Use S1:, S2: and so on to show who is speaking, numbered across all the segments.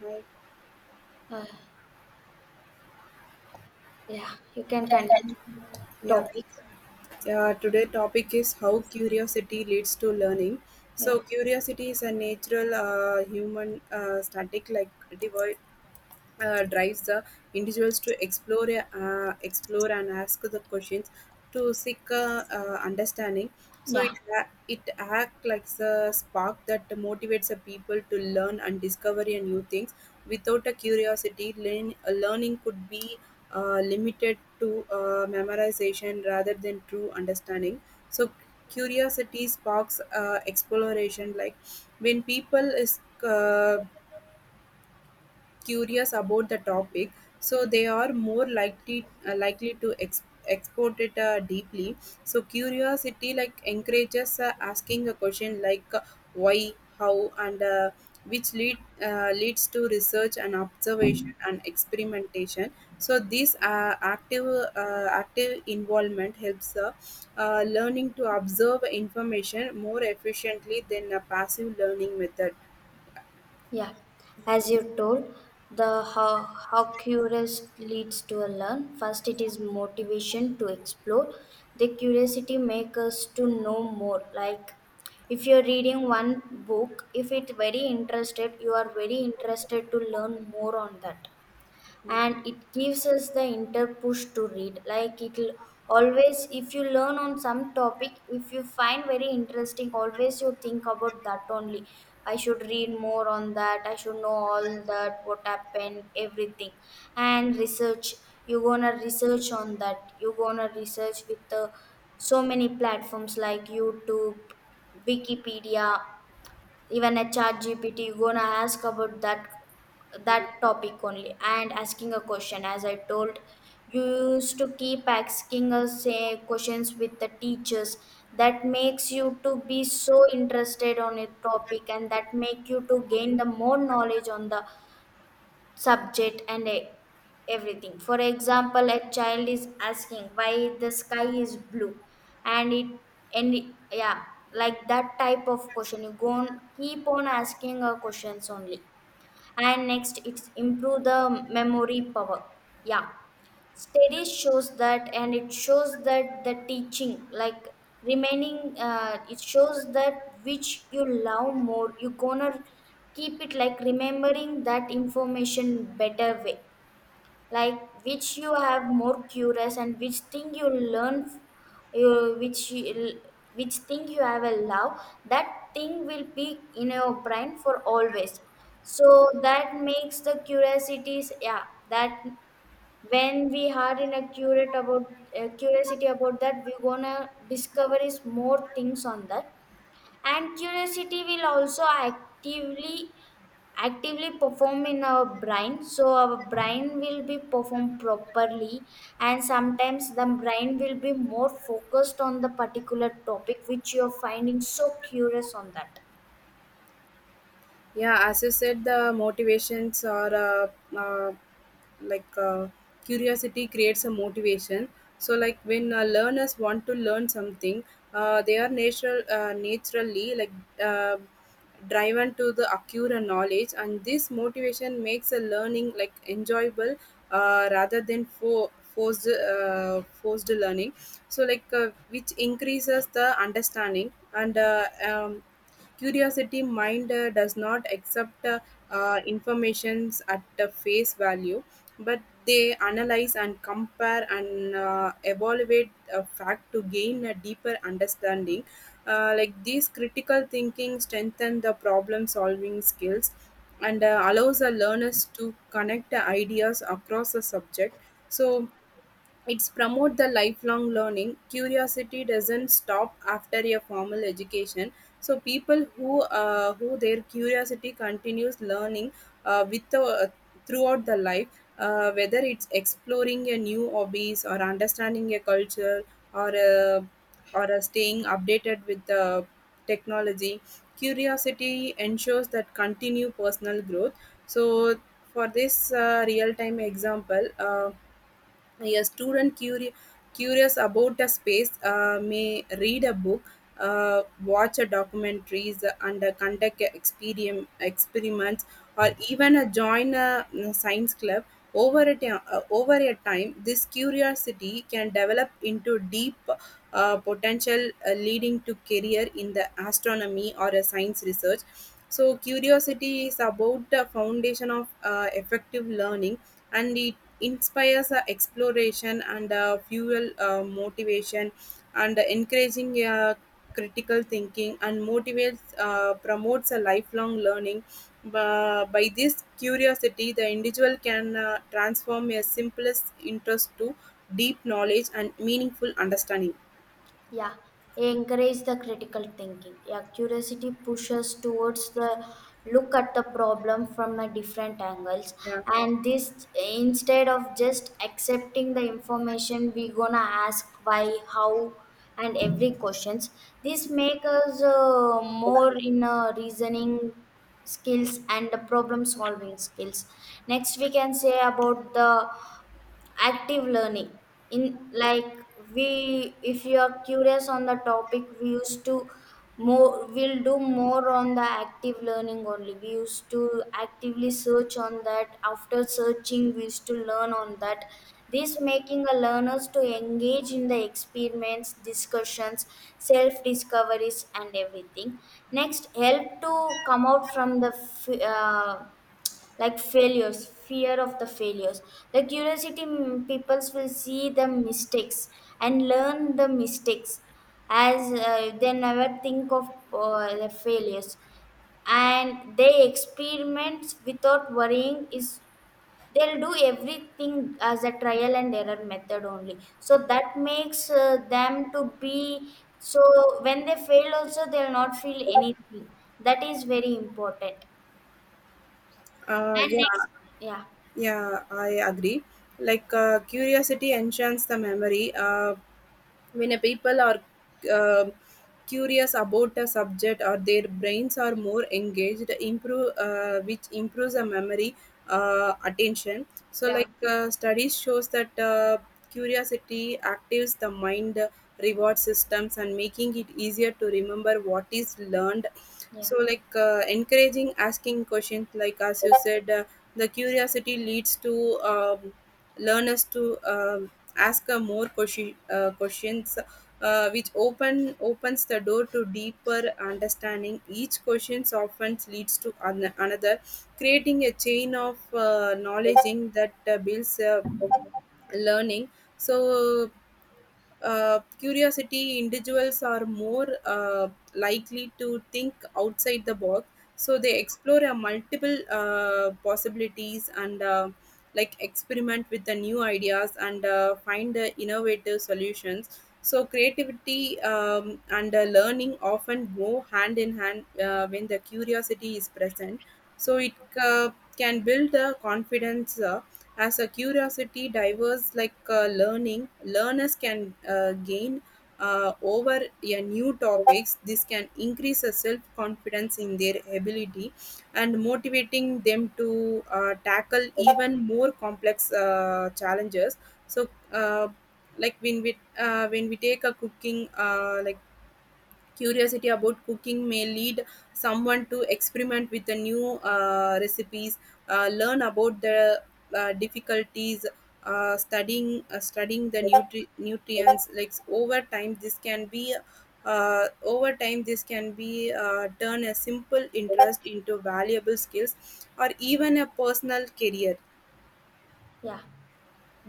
S1: Hi.
S2: Uh, yeah, you can continue
S1: Yeah.
S2: topic.
S1: Yeah. Today topic is how curiosity leads to learning.
S2: Yeah,
S1: So curiosity is a natural human static like drives the individuals to explore explore and ask the questions to seek understanding, so it
S2: yeah,
S1: ha- it act like the spark that motivates the people to learn and discover a new things. Without a curiosity learning could be limited to memorization rather than true understanding. So curiosity sparks exploration, like when people is curious about the topic, so they are more likely to export it deeply. So curiosity like encourages asking a question like why, how, and which leads to research and observation and experimentation. So this active involvement helps learning to observe information more efficiently than a passive learning method.
S2: yeah. As you told, the how curious leads to a learn. First, it is motivation to explore. The curiosity makes us to know more. Like if you're reading one book, if it's very interested, you are very interested to learn more on that. And it gives us the inter push to read, like it'll always, if you learn on some topic, if you find very interesting, always you think about that only. I should read more on that, I should know all that what happened everything. And research, you gonna research on that, you gonna research with the so many platforms like YouTube, Wikipedia, even a chat GPT, you gonna ask about that topic only. And asking a question, as I told, you used to keep asking us say questions with the teachers. That makes you to be so interested on a topic and that make you to gain the more knowledge on the subject and everything. For example, a child is asking why the sky is blue, and it yeah, like that type of question. You go on, keep on asking questions only, and next it's improve the memory power. Yeah, studies shows that and it shows that the teaching like remaining, it shows that which you love more you gonna keep it like remembering that information better way, like which you have more curious and which thing you learn, you, which thing you have a love, that thing will be in your brain for always. So that makes the curiosities, yeah, that when we are in a curate about, curiosity about that we're gonna discover is more things on that. And curiosity will also actively perform in our brain, so our brain will be performed properly. And sometimes the brain will be more focused on the particular topic which you're finding so curious on that.
S1: Yeah, as you said, the motivations are uh, like uh, curiosity creates a motivation. So like when learners want to learn something, they are naturally like uh, driven to the acquire knowledge, and this motivation makes a learning like enjoyable rather than forced learning. So like which increases the understanding. And curiosity mind does not accept informations at the face value, but they analyze and compare and evaluate a fact to gain a deeper understanding. Like these critical thinking strengthen the problem solving skills and allows the learners to connect the ideas across the subject. So it's promote the lifelong learning. Curiosity doesn't stop after a formal education. So people who their curiosity continues learning with throughout the life, whether it's exploring a new hobbies or understanding a culture or uh, or staying updated with the technology. Curiosity ensures that continue personal growth. So for this real time example. A student curious about a space may read a book, watch a documentaries, and conduct a experiments, or even join a science club. Over a time, this curiosity can develop into deep potential, leading to career in the astronomy or a science research. So curiosity is about the foundation of effective learning, and it inspires exploration and fuel motivation, and encouraging critical thinking, and motivates promotes a lifelong learning. By this curiosity, the individual can transform a simplest interest to deep knowledge and meaningful understanding. Yeah.
S2: Yeah, encourage the critical thinking. Yeah, curiosity pushes towards the look at the problem from a different angles,
S1: Yeah.
S2: and this instead of just accepting the information, we gonna ask why, how, and every questions. This make us more in a reasoning skills and the problem solving skills. Next we can say about the active learning, in like we, if you are curious on the topic we used to more we'll do more on the active learning only, we used to actively search on that, after searching we used to learn on that. This making a learners to engage in the experiments, discussions, self discoveries and everything. Next help to come out from the like failures, fear of the failures. The curiosity, peoples will see the mistakes and learn the mistakes as, they never think of the failures, and they experiment without worrying is, they'll do everything as a trial and error method only. So that makes them to be, so when they fail also they'll not feel anything. That is very important.
S1: uh,
S2: And
S1: yeah
S2: next, yeah.
S1: Yeah, I agree. Like curiosity enchants the memory when a people are um curious about a subject or their brains are more engaged, improve which improves the memory attention. So
S2: Yeah.
S1: like studies shows that curiosity actives the mind reward systems and making it easier to remember what is learned.
S2: Yeah.
S1: So like encouraging asking questions, like as you said, the curiosity leads to learners to ask more questions which opens the door to deeper understanding. Each question often leads to another, creating a chain of knowledge in that builds learning. So curiosity, individuals are more likely to think outside the box. So they explore multiple possibilities and like experiment with the new ideas and find innovative solutions. So creativity and learning often go hand in hand when the curiosity is present. So it uh, can build the confidence. As a curiosity divers, like learners can gain over a new topics. This can increase a self confidence in their ability, and motivating them to tackle even more complex challenges. So when we take a cooking, like curiosity about cooking may lead someone to experiment with the new recipes, learn about the difficulties, studying the nutrients. Over time, this can be turn a simple interest into valuable skills or even a personal career.
S2: Yeah,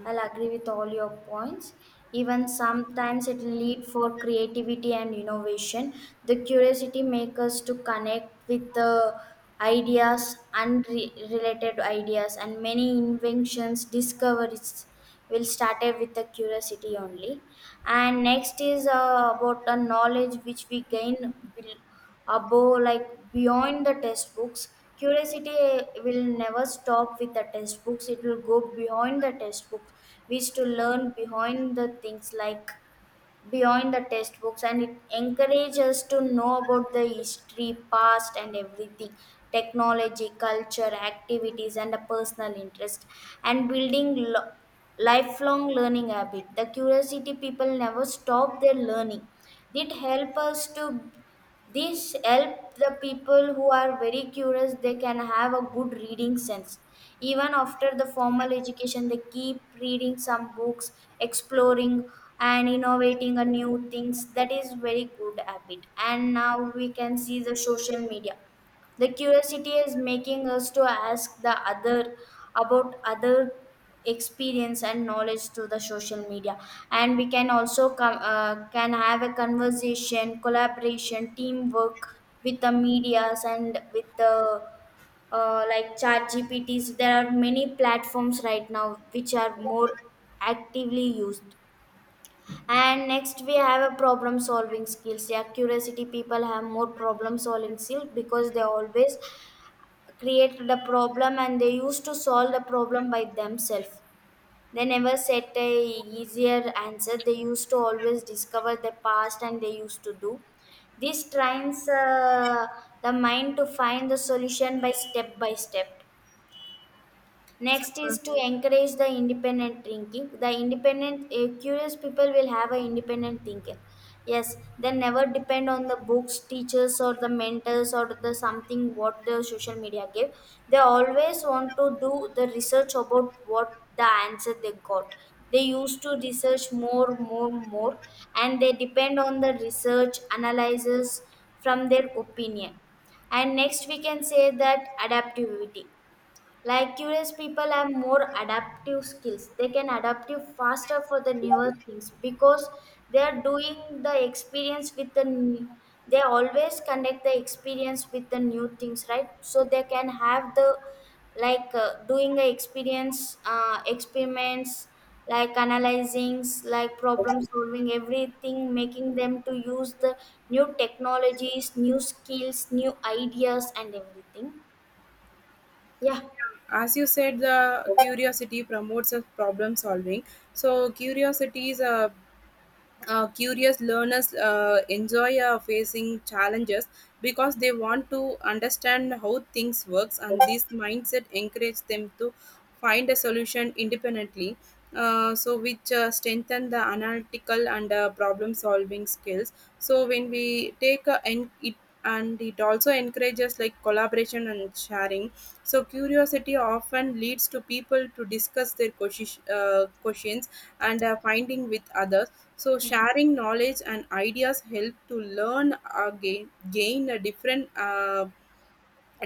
S2: I'll agree with all your points. Even sometimes it lead for creativity and innovation. The curiosity make us to connect with the ideas, unrelated ideas, and many inventions, discoveries we'll started with the curiosity only. And next is about the knowledge which we gain, bel- above, like beyond the textbooks. Curiosity will never stop with the textbooks, it will go beyond the textbooks. We used to learn behind the things, like beyond the textbooks, and it encourages us to know about the history past and everything, technology, culture, activities and a personal interest. And building lifelong learning habit, the curiosity people never stop their learning. It helps us to, this help the people who are very curious, they can have a good reading sense. Even after the formal education, they keep reading some books, exploring and innovating a new things. That is very good habit. And now we can see the social media, the curiosity is making us to ask the other about other experience and knowledge through the social media. And we can also come, can have a conversation, collaboration, teamwork with the medias and with the, like chat GPTs, there are many platforms right now which are more actively used. And next we have a problem solving skills, yeah, curiosity people have more problem solving skills because they always created a problem and they used to solve the problem by themselves. They never set a easier answer. They used to always discover the past and they used to do. This trains, the mind to find the solution by step by step. Next
S1: So,
S2: is to encourage the independent thinking. The independent, curious people will have an independent thinker. Yes, they never depend on the books, teachers, or the mentors, or the something what the social media give. They always want to do the research about what the answer they got. They used to research more, more, more, and they depend on the research analysis from their opinion. And next, we can say that adaptivity. Like curious people have more adaptive skills. They can adapt you faster for the newer things because they are doing the experience with the. They always connect the experience with the new things, right? So they can have the, like doing the experience, experiments, like analyzing, like problem solving, everything making them to use the new technologies, new skills, new ideas and everything. Yeah.
S1: as you said, the curiosity promotes a problem solving. So curiosity is a curious learners enjoy facing challenges because they want to understand how things works, and this mindset encourages them to find a solution independently, so which strengthen the analytical and problem solving skills. So when we take a, and it also encourages like collaboration and sharing. So curiosity often leads to people to discuss their questions and finding with others. So sharing knowledge and ideas help to gain a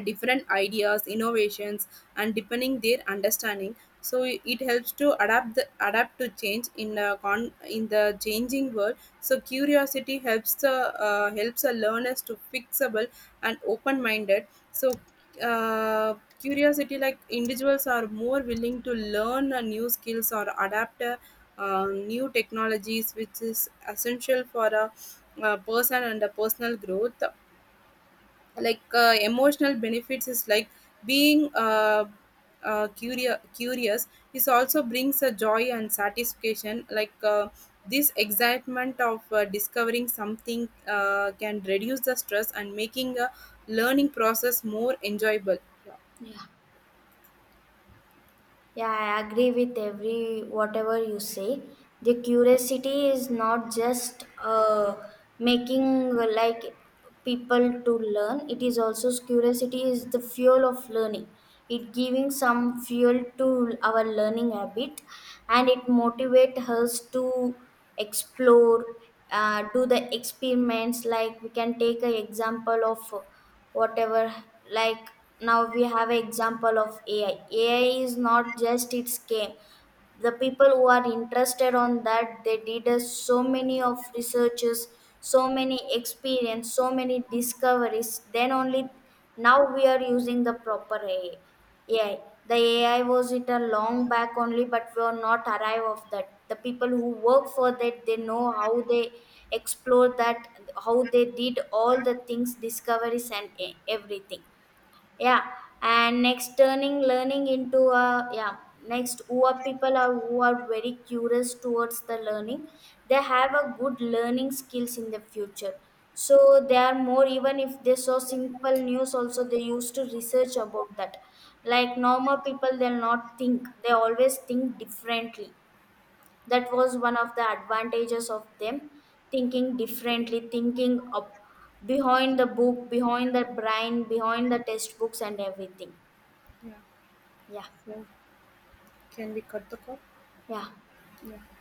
S1: different ideas, innovations, and deepening their understanding. So it helps to adapt to change in in the changing world. So curiosity helps the learners to fixable and open minded. So uh, curiosity, like individuals are more willing to learn new skills or adapt new technologies, which is essential for a person and a personal growth. Like emotional benefits is like being curious is also brings a joy and satisfaction. Like this excitement of discovering something can reduce the stress and making a learning process more enjoyable. Yeah.
S2: Yeah. Yeah, I agree with every whatever you say. The curiosity is not just, making, like people to learn. It is also curiosity is the fuel of learning. It giving some fuel to our learning habit, and it motivate us to explore, do the experiments. Like we can take an example of whatever, like now we have an example of AI. AI is not just its game, the people who are interested on that they did so many of researches, so many experience, so many discoveries, then only now we are using the proper AI. The AI was it a long back only, but we are not arrive of that, the people who work for that they know how they explore that, how they did all the things, discoveries and everything. Yeah. And next turning learning into a, yeah, next who are people are who are very curious towards the learning, they have a good learning skills in the future. So they are more, even if they saw simple news also they used to research about that, like normal people they'll not think, they always think differently. That was one of the advantages of them, thinking differently, thinking up behind the book, behind the brain, behind the textbooks and everything.
S1: Yeah.
S2: Yeah.
S1: So can we cut the call?
S2: Yeah.
S1: Yeah.